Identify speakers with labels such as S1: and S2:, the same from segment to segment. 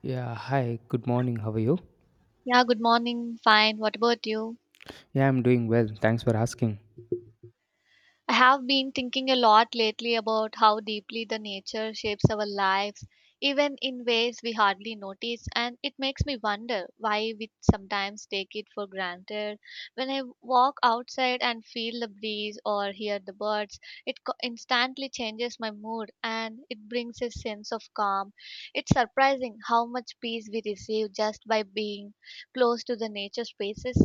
S1: Yeah, hi, good morning. How are you?
S2: Yeah, good morning. Fine. What about you?
S1: Yeah, I'm doing well. Thanks for asking.
S2: I have been thinking a lot lately about how deeply the nature shapes our lives, even in ways we hardly notice, and it makes me wonder why we sometimes take it for granted. When I walk outside and feel the breeze or hear the birds, it instantly changes my mood and it brings a sense of calm. It's surprising how much peace we receive just by being close to the nature spaces,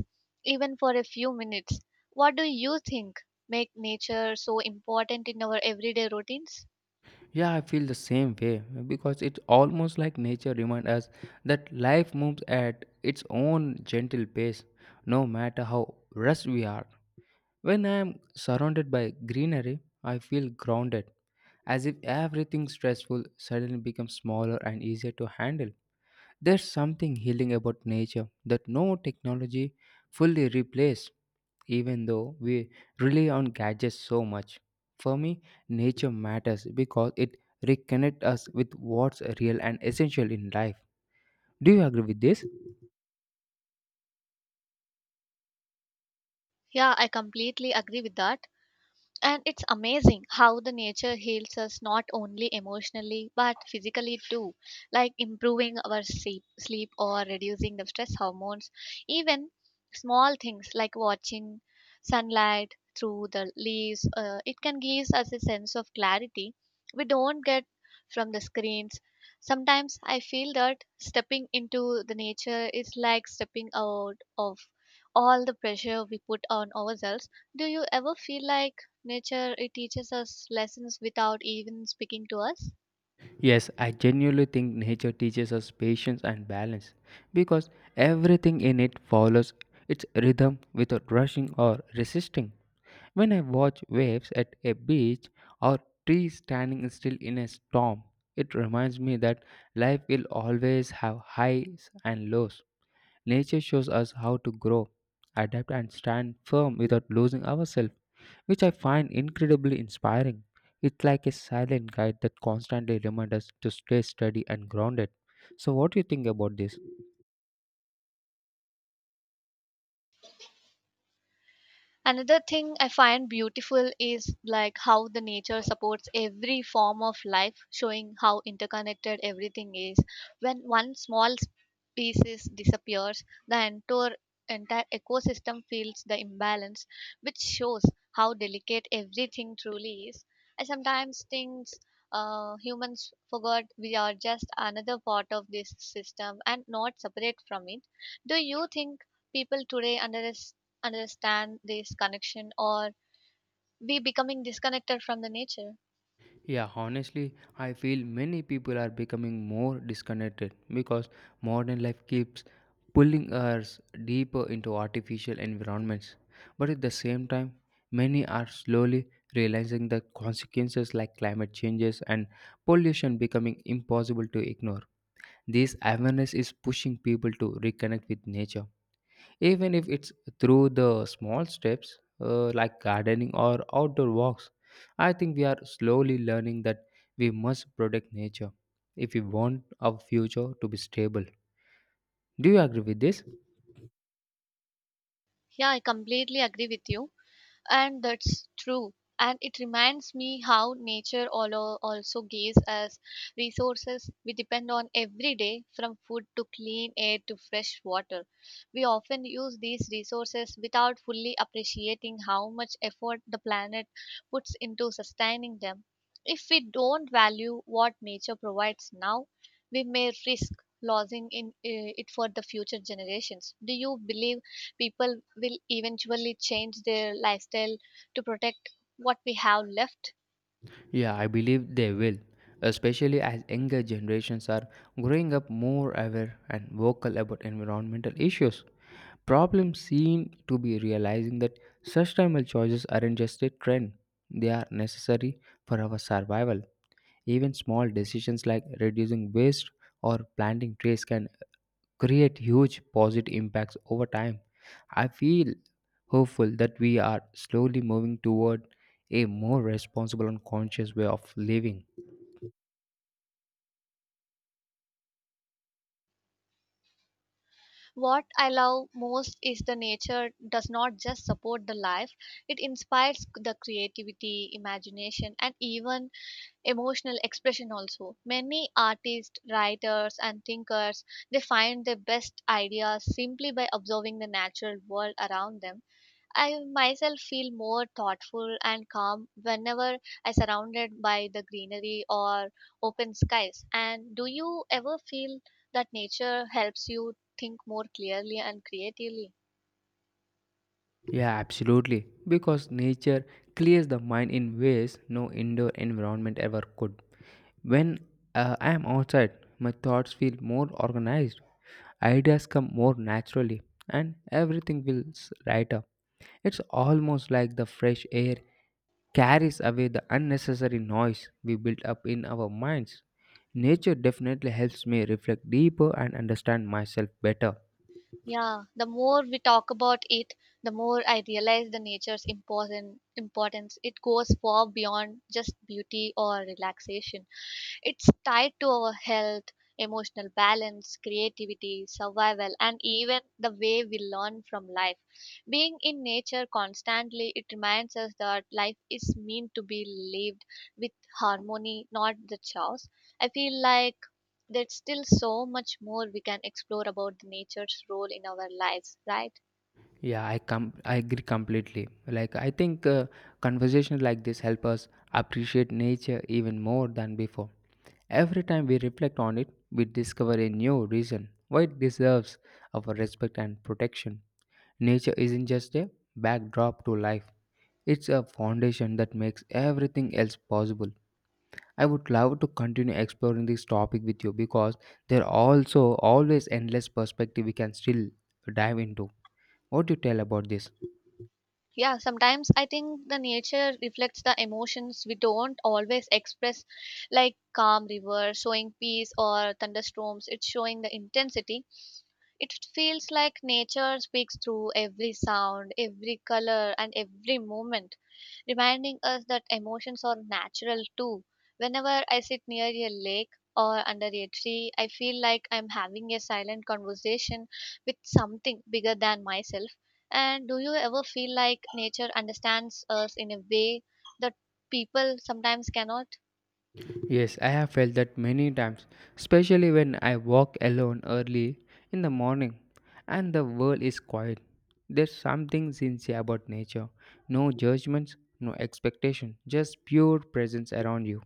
S2: even for a few minutes. What do you think? Make nature so important in our everyday routines.
S1: Yeah, I feel the same way because it's almost like nature reminds us that life moves at its own gentle pace, no matter how rushed we are. When I am surrounded by greenery, I feel grounded, as if everything stressful suddenly becomes smaller and easier to handle. There's something healing about nature that no technology fully replaces. Even though we rely on gadgets so much. For me, nature matters because it reconnects us with what's real and essential in life. Do you agree with this?
S2: Yeah, I completely agree with that. And it's amazing how the nature heals us not only emotionally but physically too, like improving our sleep or reducing the stress hormones. Even small things like watching sunlight through the leaves, it can give us a sense of clarity we don't get from the screens. Sometimes I feel that stepping into the nature is like stepping out of all the pressure we put on ourselves. Do you ever feel like nature, it teaches us lessons without even speaking to us?
S1: Yes, I genuinely think nature teaches us patience and balance because everything in it follows its rhythm without rushing or resisting. When I watch waves at a beach or trees standing still in a storm, it reminds me that life will always have highs and lows. Nature shows us how to grow, adapt, and stand firm without losing ourselves, which I find incredibly inspiring. It's like a silent guide that constantly reminds us to stay steady and grounded. So, what do you think about this?
S2: Another thing I find beautiful is like how the nature supports every form of life, showing how interconnected everything is. When one small species disappears, the entire ecosystem feels the imbalance, which shows how delicate everything truly is. I sometimes think humans forgot we are just another part of this system and not separate from it. Do you think people today underestimate, understand this connection, or be becoming disconnected from the nature?
S1: Yeah, honestly, I feel many people are becoming more disconnected because modern life keeps pulling us deeper into artificial environments. But at the same time, many are slowly realizing the consequences like climate changes and pollution becoming impossible to ignore. This awareness is pushing people to reconnect with nature even if it's through the small steps like gardening or outdoor walks. I think we are slowly learning that we must protect nature if we want our future to be stable. Do you agree with this?
S2: Yeah, I completely agree with you. And that's true. And it reminds me how nature also gives us resources we depend on every day, from food to clean air to fresh water. We often use these resources without fully appreciating how much effort the planet puts into sustaining them. If we don't value what nature provides now, we may risk losing it for the future generations. Do you believe people will eventually change their lifestyle to protect what we have left?
S1: Yeah, I believe they will, especially as younger generations are growing up more aware and vocal about environmental issues. Problems seem to be realizing that sustainable choices aren't just a trend, they are necessary for our survival. Even small decisions like reducing waste or planting trees can create huge positive impacts over time. I feel hopeful that we are slowly moving toward a more responsible and conscious way of living.
S2: What I love most is the nature does not just support the life, it inspires the creativity, imagination, and even emotional expression. Also, many artists, writers, and thinkers, they find their best ideas simply by observing the natural world around them. I myself feel more thoughtful and calm whenever I surrounded by the greenery or open skies. And do you ever feel that nature helps you think more clearly and creatively?
S1: Yeah, absolutely. Because nature clears the mind in ways no indoor environment ever could. When I am outside, my thoughts feel more organized, ideas come more naturally, and everything feels lighter. It's almost like the fresh air carries away the unnecessary noise we built up in our minds. Nature definitely helps me reflect deeper and understand myself better.
S2: Yeah, the more we talk about it, the more I realize the nature's important importance. It goes far beyond just beauty or relaxation. It's tied to our health, emotional balance, creativity, survival, and even the way we learn from life. Being in nature constantly, it reminds us that life is meant to be lived with harmony, not the chaos. I feel like there's still so much more we can explore about the nature's role in our lives, right?
S1: Yeah, I agree completely. Like I think conversations like this help us appreciate nature even more than before. Every time we reflect on it, we discover a new reason why it deserves our respect and protection. Nature isn't just a backdrop to life, it's a foundation that makes everything else possible. I would love to continue exploring this topic with you because there are also always endless perspectives we can still dive into. What do you tell about this?
S2: Yeah, sometimes I think the nature reflects the emotions we don't always express, like calm river showing peace or thunderstorms it's showing the intensity. It feels like nature speaks through every sound, every color, and every movement, reminding us that emotions are natural too. Whenever I sit near a lake or under a tree, I feel like I'm having a silent conversation with something bigger than myself. And do you ever feel like nature understands us in a way that people sometimes cannot?
S1: Yes, I have felt that many times, especially when I walk alone early in the morning and the world is quiet. There's something sincere about nature. No judgments, no expectation, just pure presence around you.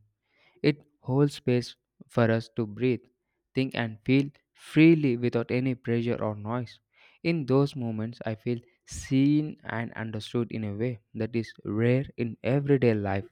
S1: It holds space for us to breathe, think, and feel freely without any pressure or noise. In those moments, I feel seen and understood in a way that is rare in everyday life.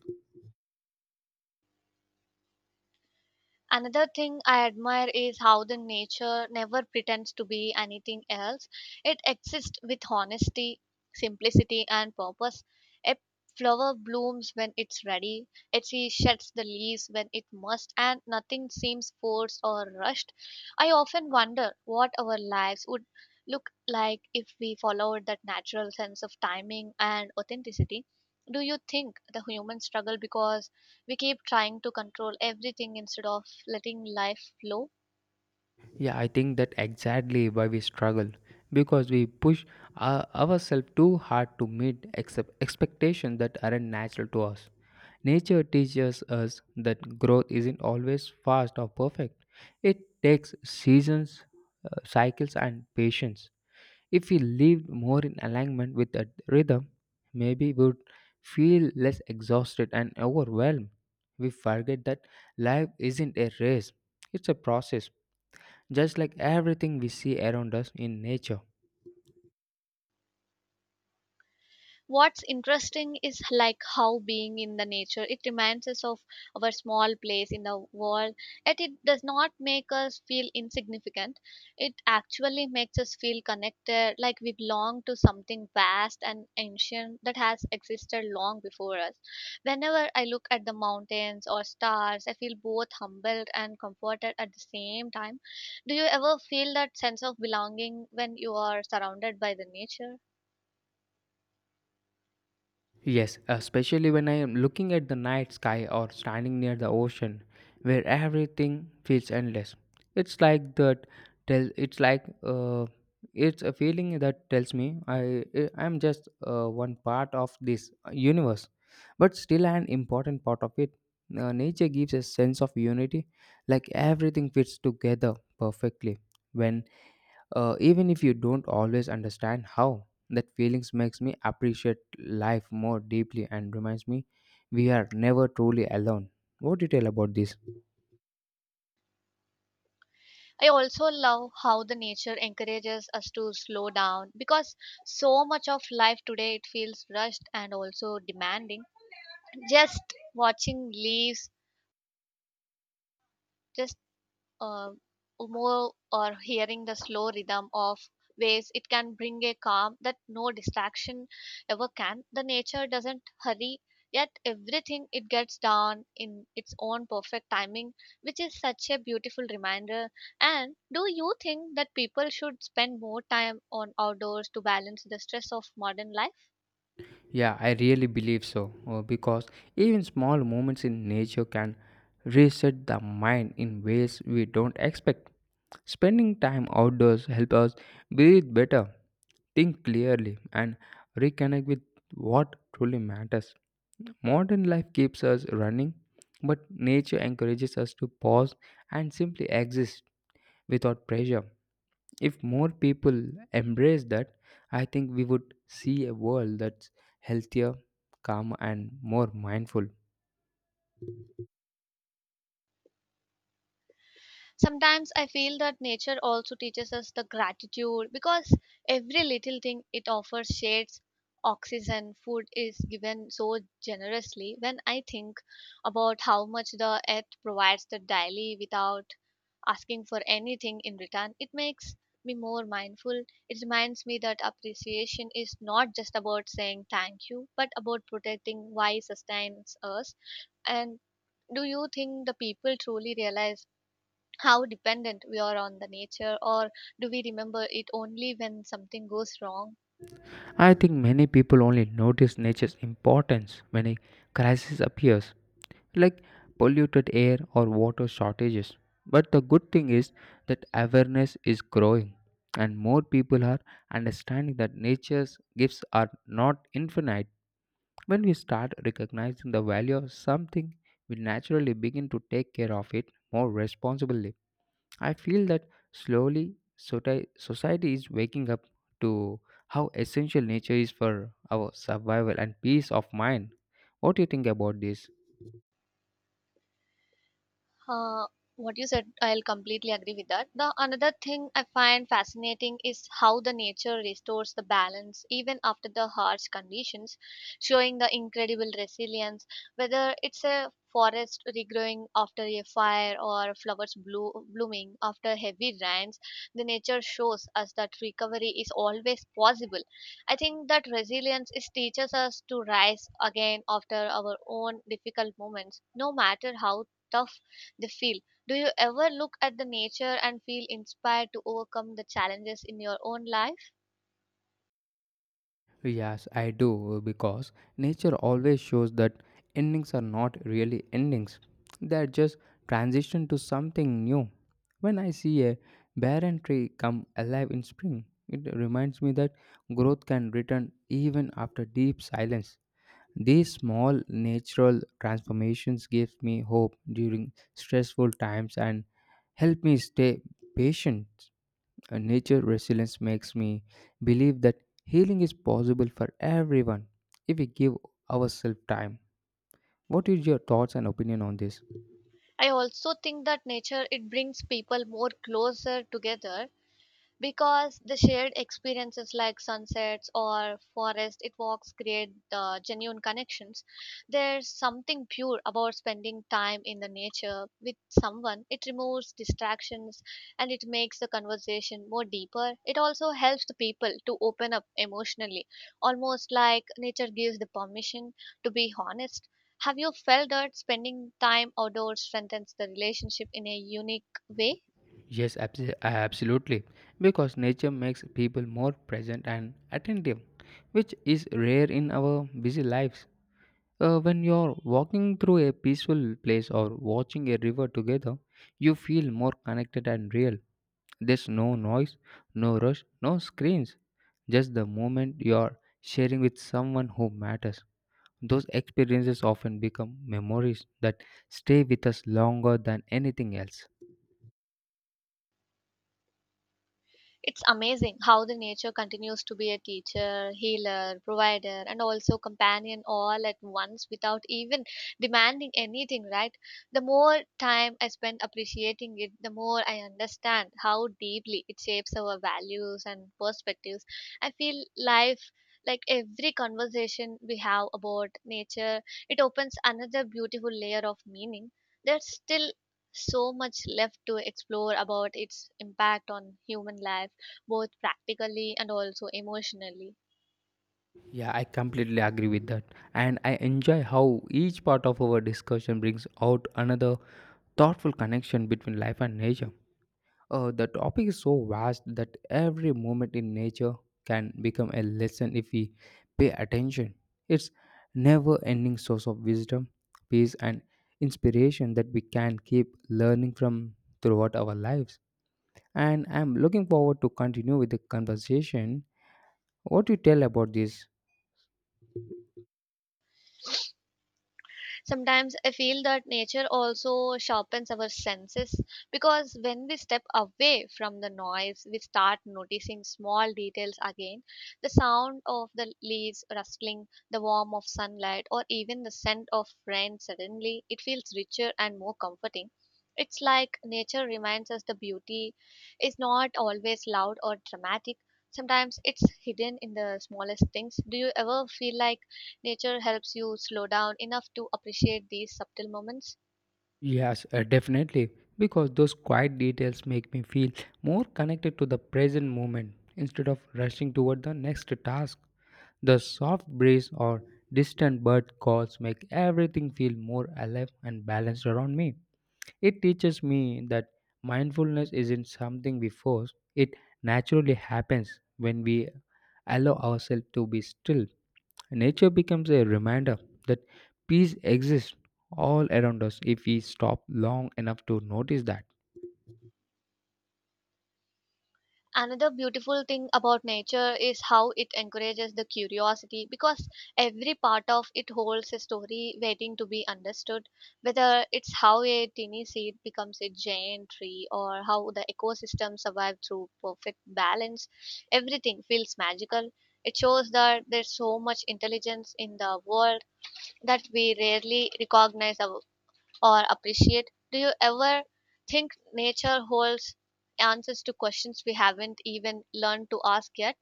S2: Another thing I admire is how the nature never pretends to be anything else. It exists with honesty, simplicity, and purpose. A flower blooms when it's ready, a tree sheds the leaves when it must, and nothing seems forced or rushed. I often wonder what our lives would look like if we followed that natural sense of timing and authenticity. Do you think the human struggle because we keep trying to control everything instead of letting life flow?
S1: Yeah, I think that exactly why we struggle because we push ourselves too hard to meet except expectations that aren't natural to us. Nature teaches us that growth isn't always fast or perfect. It takes seasons, cycles, and patience. If we lived more in alignment with that rhythm, maybe we would feel less exhausted and overwhelmed. We forget that life isn't a race, it's a process just like everything we see around us in nature.
S2: What's interesting is like how being in the nature it reminds us of our small place in the world, yet it does not make us feel insignificant. It actually makes us feel connected, like we belong to something vast and ancient that has existed long before us. Whenever I look at the mountains or stars, I feel both humbled and comforted at the same time. Do you ever feel that sense of belonging when you are surrounded by the nature?
S1: Yes, especially when I am looking at the night sky or standing near the ocean where everything feels endless. It's like that tell it's like uh, it's a feeling that tells me I am just one part of this universe but still an important part of it. Nature gives a sense of unity like everything fits together perfectly. When even if you don't always understand how that feelings makes me appreciate life more deeply and reminds me we are never truly alone. What do you tell about this?
S2: I also love how the nature encourages us to slow down because so much of life today it feels rushed and also demanding. Just watching leaves, just uh, more or hearing the slow rhythm of waves, it can bring a calm that no distraction ever can. The nature doesn't hurry, yet everything it gets done in its own perfect timing, which is such a beautiful reminder. And do you think that people should spend more time on outdoors to balance the stress of modern life?
S1: Yeah, I really believe so, because even small moments in nature can reset the mind in ways we don't expect. Spending time outdoors help us breathe better, think clearly, and reconnect with what truly matters. Modern life keeps us running, but nature encourages us to pause and simply exist without pressure. If more people embrace that, I think we would see a world that's healthier, calmer, and more mindful.
S2: Sometimes I feel that nature also teaches us the gratitude because every little thing it offers, shades, oxygen, food, is given so generously. When I think about how much the earth provides the daily without asking for anything in return, it makes me more mindful. It reminds me that appreciation is not just about saying thank you but about protecting why sustains us. And do you think the people truly realize how dependent we are on the nature, or do we remember it only when something goes wrong?
S1: I think many people only notice nature's importance when a crisis appears, like polluted air or water shortages. But the good thing is that awareness is growing, and more people are understanding that nature's gifts are not infinite. When we start recognizing the value of something, we naturally begin to take care of it more responsibly. I feel that slowly society is waking up to how essential nature is for our survival and peace of mind. What do you think about this?
S2: Uh, what you said, I'll completely agree with that. The another thing I find fascinating is how the nature restores the balance even after the harsh conditions, showing the incredible resilience. Whether it's a forest regrowing after a fire or flowers blooming after heavy rains, the nature shows us that recovery is always possible. I think that resilience is teaches us to rise again after our own difficult moments, no matter how tough they feel. Do you ever look at the nature and feel inspired to overcome the challenges in your own life?
S1: Yes, I do because nature always shows that endings are not really endings. They are just transition to something new. When I see a barren tree come alive in spring, it reminds me that growth can return even after deep silence. These small natural transformations give me hope during stressful times and help me stay patient. Nature resilience makes me believe that healing is possible for everyone if we give ourselves time. What is your thoughts and opinion on this?
S2: I also think that nature it brings people more closer together because the shared experiences like sunsets or forest it walks create genuine connections. There's something pure about spending time in the nature with someone, it removes distractions and it makes the conversation more deeper. It also helps the people to open up emotionally, almost like nature gives the permission to be honest. Have you felt that spending time outdoors strengthens the relationship in a unique way?
S1: Yes, absolutely. Because nature makes people more present and attentive, which is rare in our busy lives. When you're walking through a peaceful place or watching a river together, you feel more connected and real. There's no noise, no rush, no screens, just the moment you're sharing with someone who matters. Those experiences often become memories that stay with us longer than anything else.
S2: It's amazing how the nature continues to be a teacher, healer, provider, and also companion all at once without even demanding anything, right? The more time I spend appreciating it, the more I understand how deeply it shapes our values and perspectives. I feel life like every conversation we have about nature, it opens another beautiful layer of meaning. There's still so much left to explore about its impact on human life, both practically and also emotionally.
S1: Yeah, I completely agree with that. And I enjoy how each part of our discussion brings out another thoughtful connection between life and nature. The topic is so vast that every moment in nature can become a lesson if we pay attention. It's never ending source of wisdom, peace and inspiration that we can keep learning from throughout our lives. And I'm looking forward to continue with the conversation. What you tell about this?
S2: Sometimes I feel that nature also sharpens our senses because when we step away from the noise, we start noticing small details again, the sound of the leaves rustling, the warmth of sunlight, or even the scent of rain. Suddenly, it feels richer and more comforting. It's like nature reminds us the beauty is not always loud or dramatic. Sometimes it's hidden in the smallest things. Do you ever feel like nature helps you slow down enough to appreciate these subtle moments?
S1: Yes, definitely. Because those quiet details make me feel more connected to the present moment instead of rushing toward the next task. The soft breeze or distant bird calls make everything feel more alive and balanced around me. It teaches me that mindfulness isn't something we force, it naturally happens when we allow ourselves to be still. Nature becomes a reminder that peace exists all around us if we stop long enough to notice that.
S2: Another beautiful thing about nature is how it encourages the curiosity because every part of it holds a story waiting to be understood. Whether it's how a tiny seed becomes a giant tree or how the ecosystem survived through perfect balance, everything feels magical. It shows that there's so much intelligence in the world that we rarely recognize our or appreciate. Do you ever think nature holds answers to questions we haven't even learned to ask yet?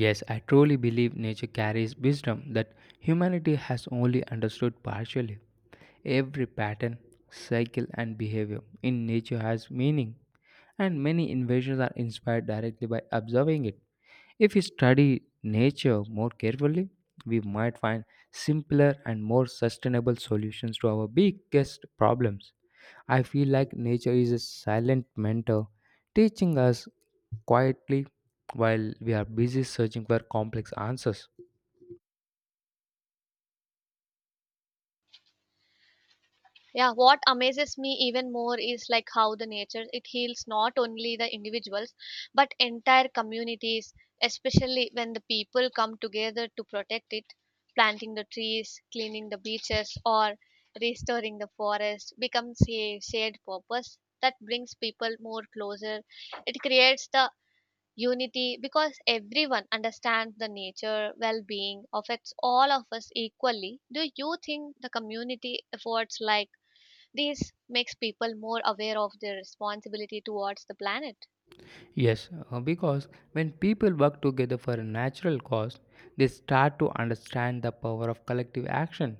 S1: Yes, I truly believe nature carries wisdom that humanity has only understood partially. Every pattern, cycle, and behavior in nature has meaning, and many inventions are inspired directly by observing it. If we study nature more carefully, we might find simpler and more sustainable solutions to our biggest problems. I feel like nature is a silent mentor, teaching us quietly while we are busy searching for complex answers.
S2: Yeah, what amazes me even more is like how the nature it heals not only the individuals but entire communities, especially when the people come together to protect it. Planting the trees, cleaning the beaches, or restoring the forest becomes a shared purpose that brings people more closer. It creates the unity because everyone understands the nature well-being affects all of us equally. Do you think the community efforts like these makes people more aware of their responsibility towards the planet?
S1: Yes, because when people work together for a natural cause, they start to understand the power of collective action.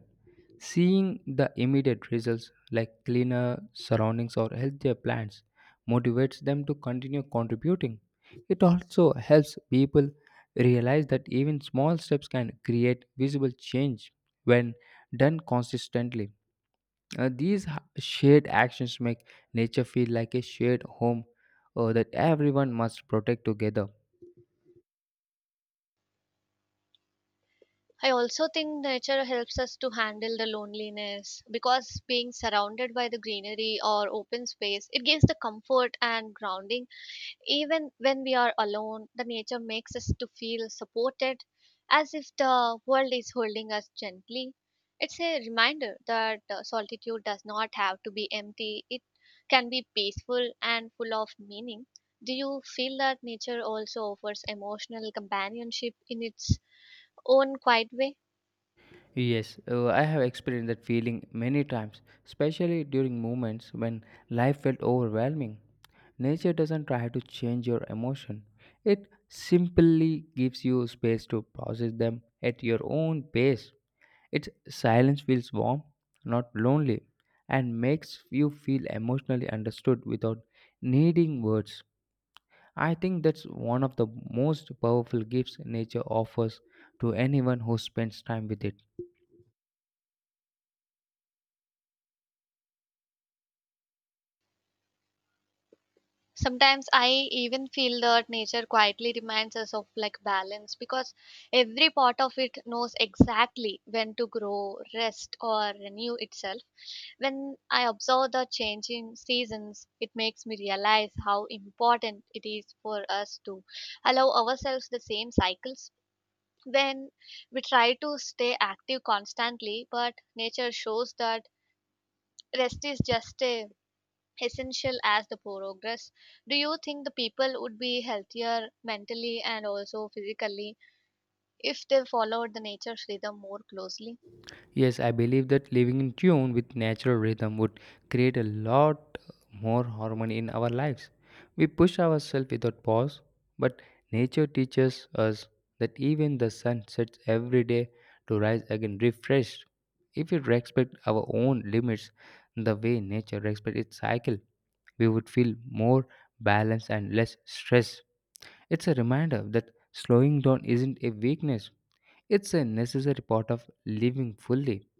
S1: Seeing the immediate results, like cleaner surroundings or healthier plants, motivates them to continue contributing. It also helps people realize that even small steps can create visible change when done consistently. These shared actions make nature feel like a shared home that everyone must protect together.
S2: I also think nature helps us to handle the loneliness because being surrounded by the greenery or open space, it gives the comfort and grounding. Even when we are alone, the nature makes us to feel supported, as if the world is holding us gently. It's a reminder that solitude does not have to be empty. It can be peaceful and full of meaning. Do you feel that nature also offers emotional companionship in its own quiet way?
S1: Yes, I have experienced that feeling many times, especially during moments when life felt overwhelming. Nature doesn't try to change your emotion, it simply gives you space to process them at your own pace. Its silence feels warm, not lonely, and makes you feel emotionally understood without needing words. I think that's one of the most powerful gifts nature offers to anyone who spends time with it.
S2: Sometimes I even feel that nature quietly reminds us of like balance, because every part of it knows exactly when to grow, rest, or renew itself. When I observe the changing seasons, it makes me realize how important it is for us to allow ourselves the same cycles. When we try to stay active constantly, but nature shows that rest is just a essential as the progress. Do you think the people would be healthier mentally and also physically if they followed the nature's rhythm more closely?
S1: Yes, I believe that living in tune with natural rhythm would create a lot more harmony in our lives. We push ourselves without pause, but nature teaches us that even the sun sets every day to rise again refreshed. If we respect our own limits the way nature respects its cycle, we would feel more balanced and less stressed. It's a reminder that slowing down isn't a weakness, it's a necessary part of living fully.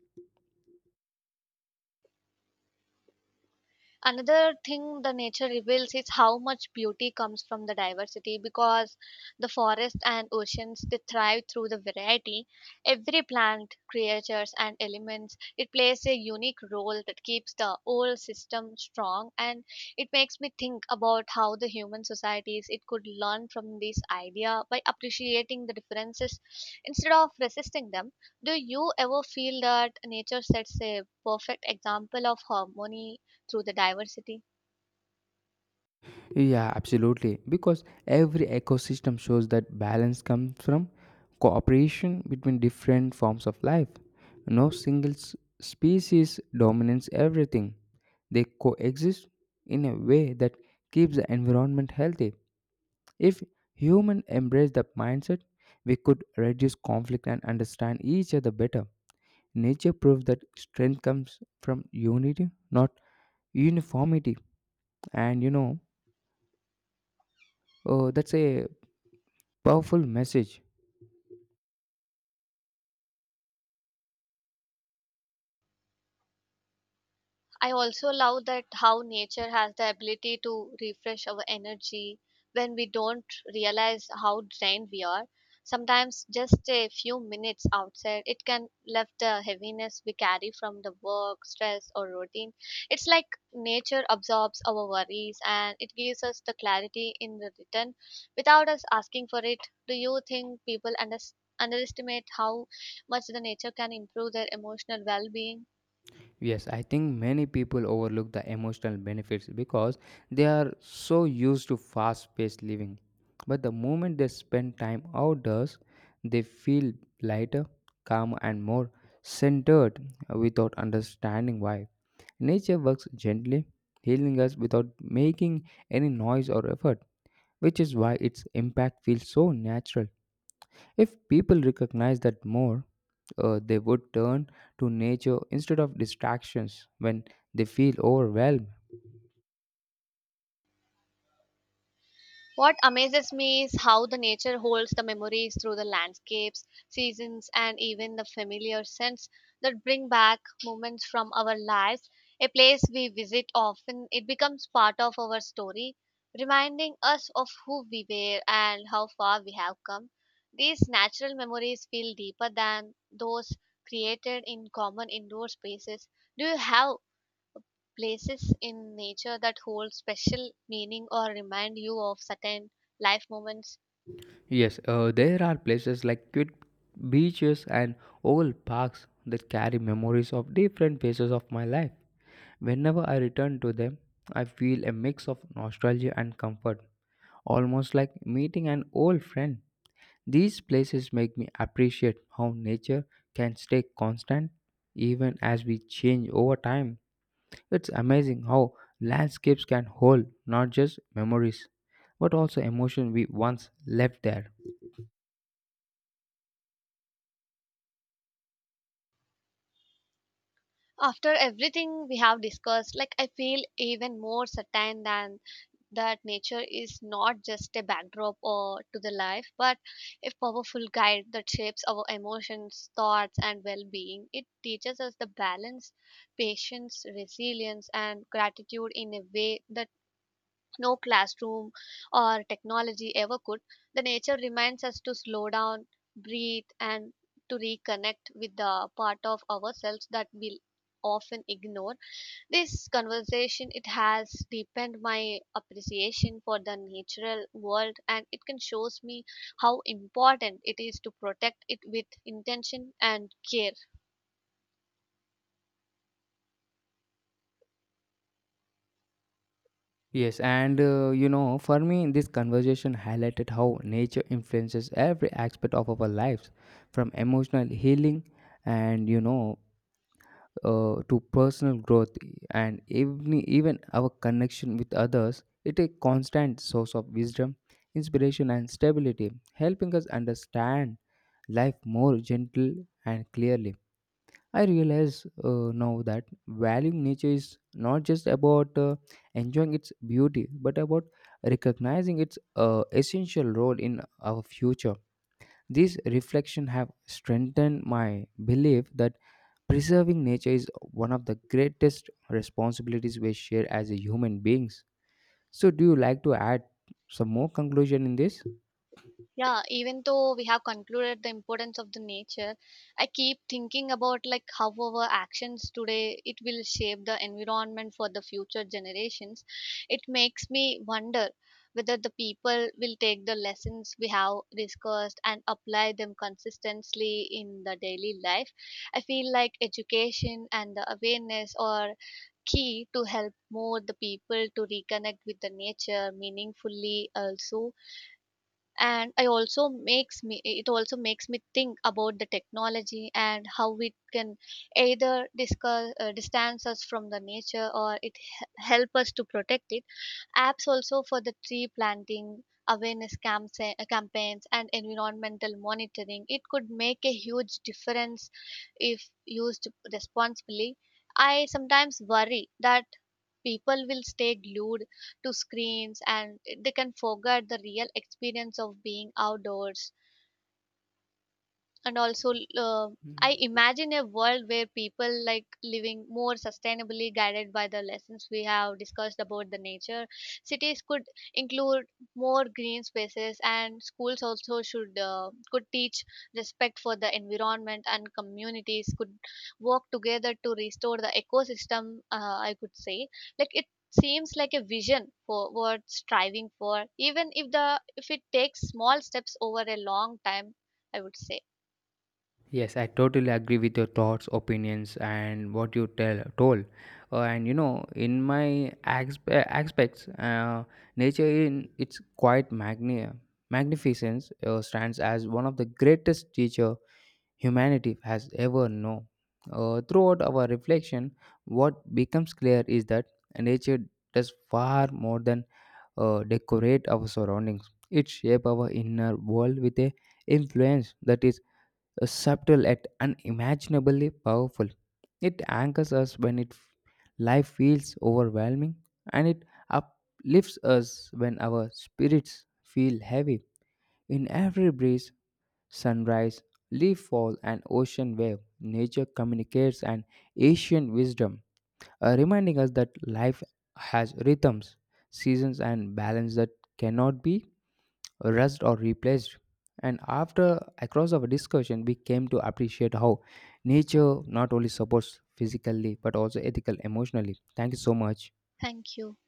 S2: Another thing the nature reveals is how much beauty comes from the diversity, because the forest and oceans, they thrive through the variety. Every plant, creatures, and elements, it plays a unique role that keeps the whole system strong. And it makes me think about how the human societies, it could learn from this idea by appreciating the differences instead of resisting them. Do you ever feel that nature sets a perfect example of harmony through the diversity?
S1: Yeah, absolutely. Because every ecosystem shows that balance comes from cooperation between different forms of life. No single species dominates everything, they coexist in a way that keeps the environment healthy. If humans embrace that mindset, we could reduce conflict and understand each other better. Nature proves that strength comes from unity, not uniformity. And you know, that's a powerful message.
S2: I also love that how nature has the ability to refresh our energy when we don't realize how drained we are. Sometimes just a few minutes outside, it can lift the heaviness we carry from the work, stress, or routine. It's like nature absorbs our worries and it gives us the clarity in the return without us asking for it. Do you think people underestimate how much the nature can improve their emotional well being?
S1: Yes, I think many people overlook the emotional benefits because they are so used to fast paced living. But the moment they spend time outdoors, they feel lighter, calmer, and more centered without understanding why. Nature works gently, healing us without making any noise or effort, which is why its impact feels so natural. If people recognize that more, they would turn to nature instead of distractions when they feel overwhelmed.
S2: What amazes me is how the nature holds the memories through the landscapes, seasons, and even the familiar scents that bring back moments from our lives. A place we visit often, it becomes part of our story, reminding us of who we were and how far we have come. These natural memories feel deeper than those created in common indoor spaces. Do you have places in nature that hold special meaning or remind you of certain life moments?
S1: Yes, there are places like cute beaches and old parks that carry memories of different phases of my life. Whenever I return to them, I feel a mix of nostalgia and comfort, almost like meeting an old friend. These places make me appreciate how nature can stay constant even as we change over time. It's amazing how landscapes can hold not just memories, but also emotion we once left there.
S2: After everything we have discussed, like, I feel even more certain than that nature is not just a backdrop or to the life, but a powerful guide that shapes our emotions, thoughts, and well-being. It teaches us the balance, patience, resilience, and gratitude in a way that no classroom or technology ever could. The nature reminds us to slow down, breathe, and to reconnect with the part of ourselves that we often ignore. This conversation, it has deepened my appreciation for the natural world, and it can shows me how important it is to protect it with intention and care.
S1: Yes, and you know, for me, this conversation highlighted how nature influences every aspect of our lives, from emotional healing and to personal growth and even our connection with others. It a constant source of wisdom, inspiration, and stability, helping us understand life more gentle and clearly. I realize now that valuing nature is not just about enjoying its beauty, but about recognizing its essential role in our future. These reflections have strengthened my belief that preserving nature is one of the greatest responsibilities we share as a human beings. So, do you like to add some more conclusion in this?
S2: Yeah, even though we have concluded the importance of the nature, I keep thinking about like how our actions today, it will shape the environment for the future generations. It makes me wonder whether the people will take the lessons we have discussed and apply them consistently in the daily life. I feel like education and the awareness are key to help more the people to reconnect with the nature meaningfully also. And I also makes me, it also makes me think about the technology and how it can either discuss, distance us from the nature, or it help us to protect it. Apps also for the tree planting, awareness campaign, campaigns, and environmental monitoring. It could make a huge difference if used responsibly. I sometimes worry that people will stay glued to screens and they can forget the real experience of being outdoors. And also uh, I imagine a world where people like living more sustainably, guided by the lessons we have discussed about the nature. Cities could include more green spaces, and schools also should, could teach respect for the environment, and communities could work together to restore the ecosystem. I could say like it seems like a vision for what striving for, even if the, if it takes small steps over a long time, I would say.
S1: Yes, I totally agree with your thoughts, opinions, and what you tell told. And you know, in my aspects, nature in its quite magnificence stands as one of the greatest teacher humanity has ever known. Throughout our reflection, what becomes clear is that nature does far more than decorate our surroundings. It shapes our inner world with a influence that is subtle yet unimaginably powerful. It anchors us when it life feels overwhelming, and it uplifts us when our spirits feel heavy. In every breeze, sunrise, leaf fall, and ocean wave, nature communicates an ancient wisdom, reminding us that life has rhythms, seasons, and balance that cannot be rushed or replaced. And after across our discussion, we came to appreciate how nature not only supports physically but also ethical, emotionally. Thank you so much.
S2: Thank you.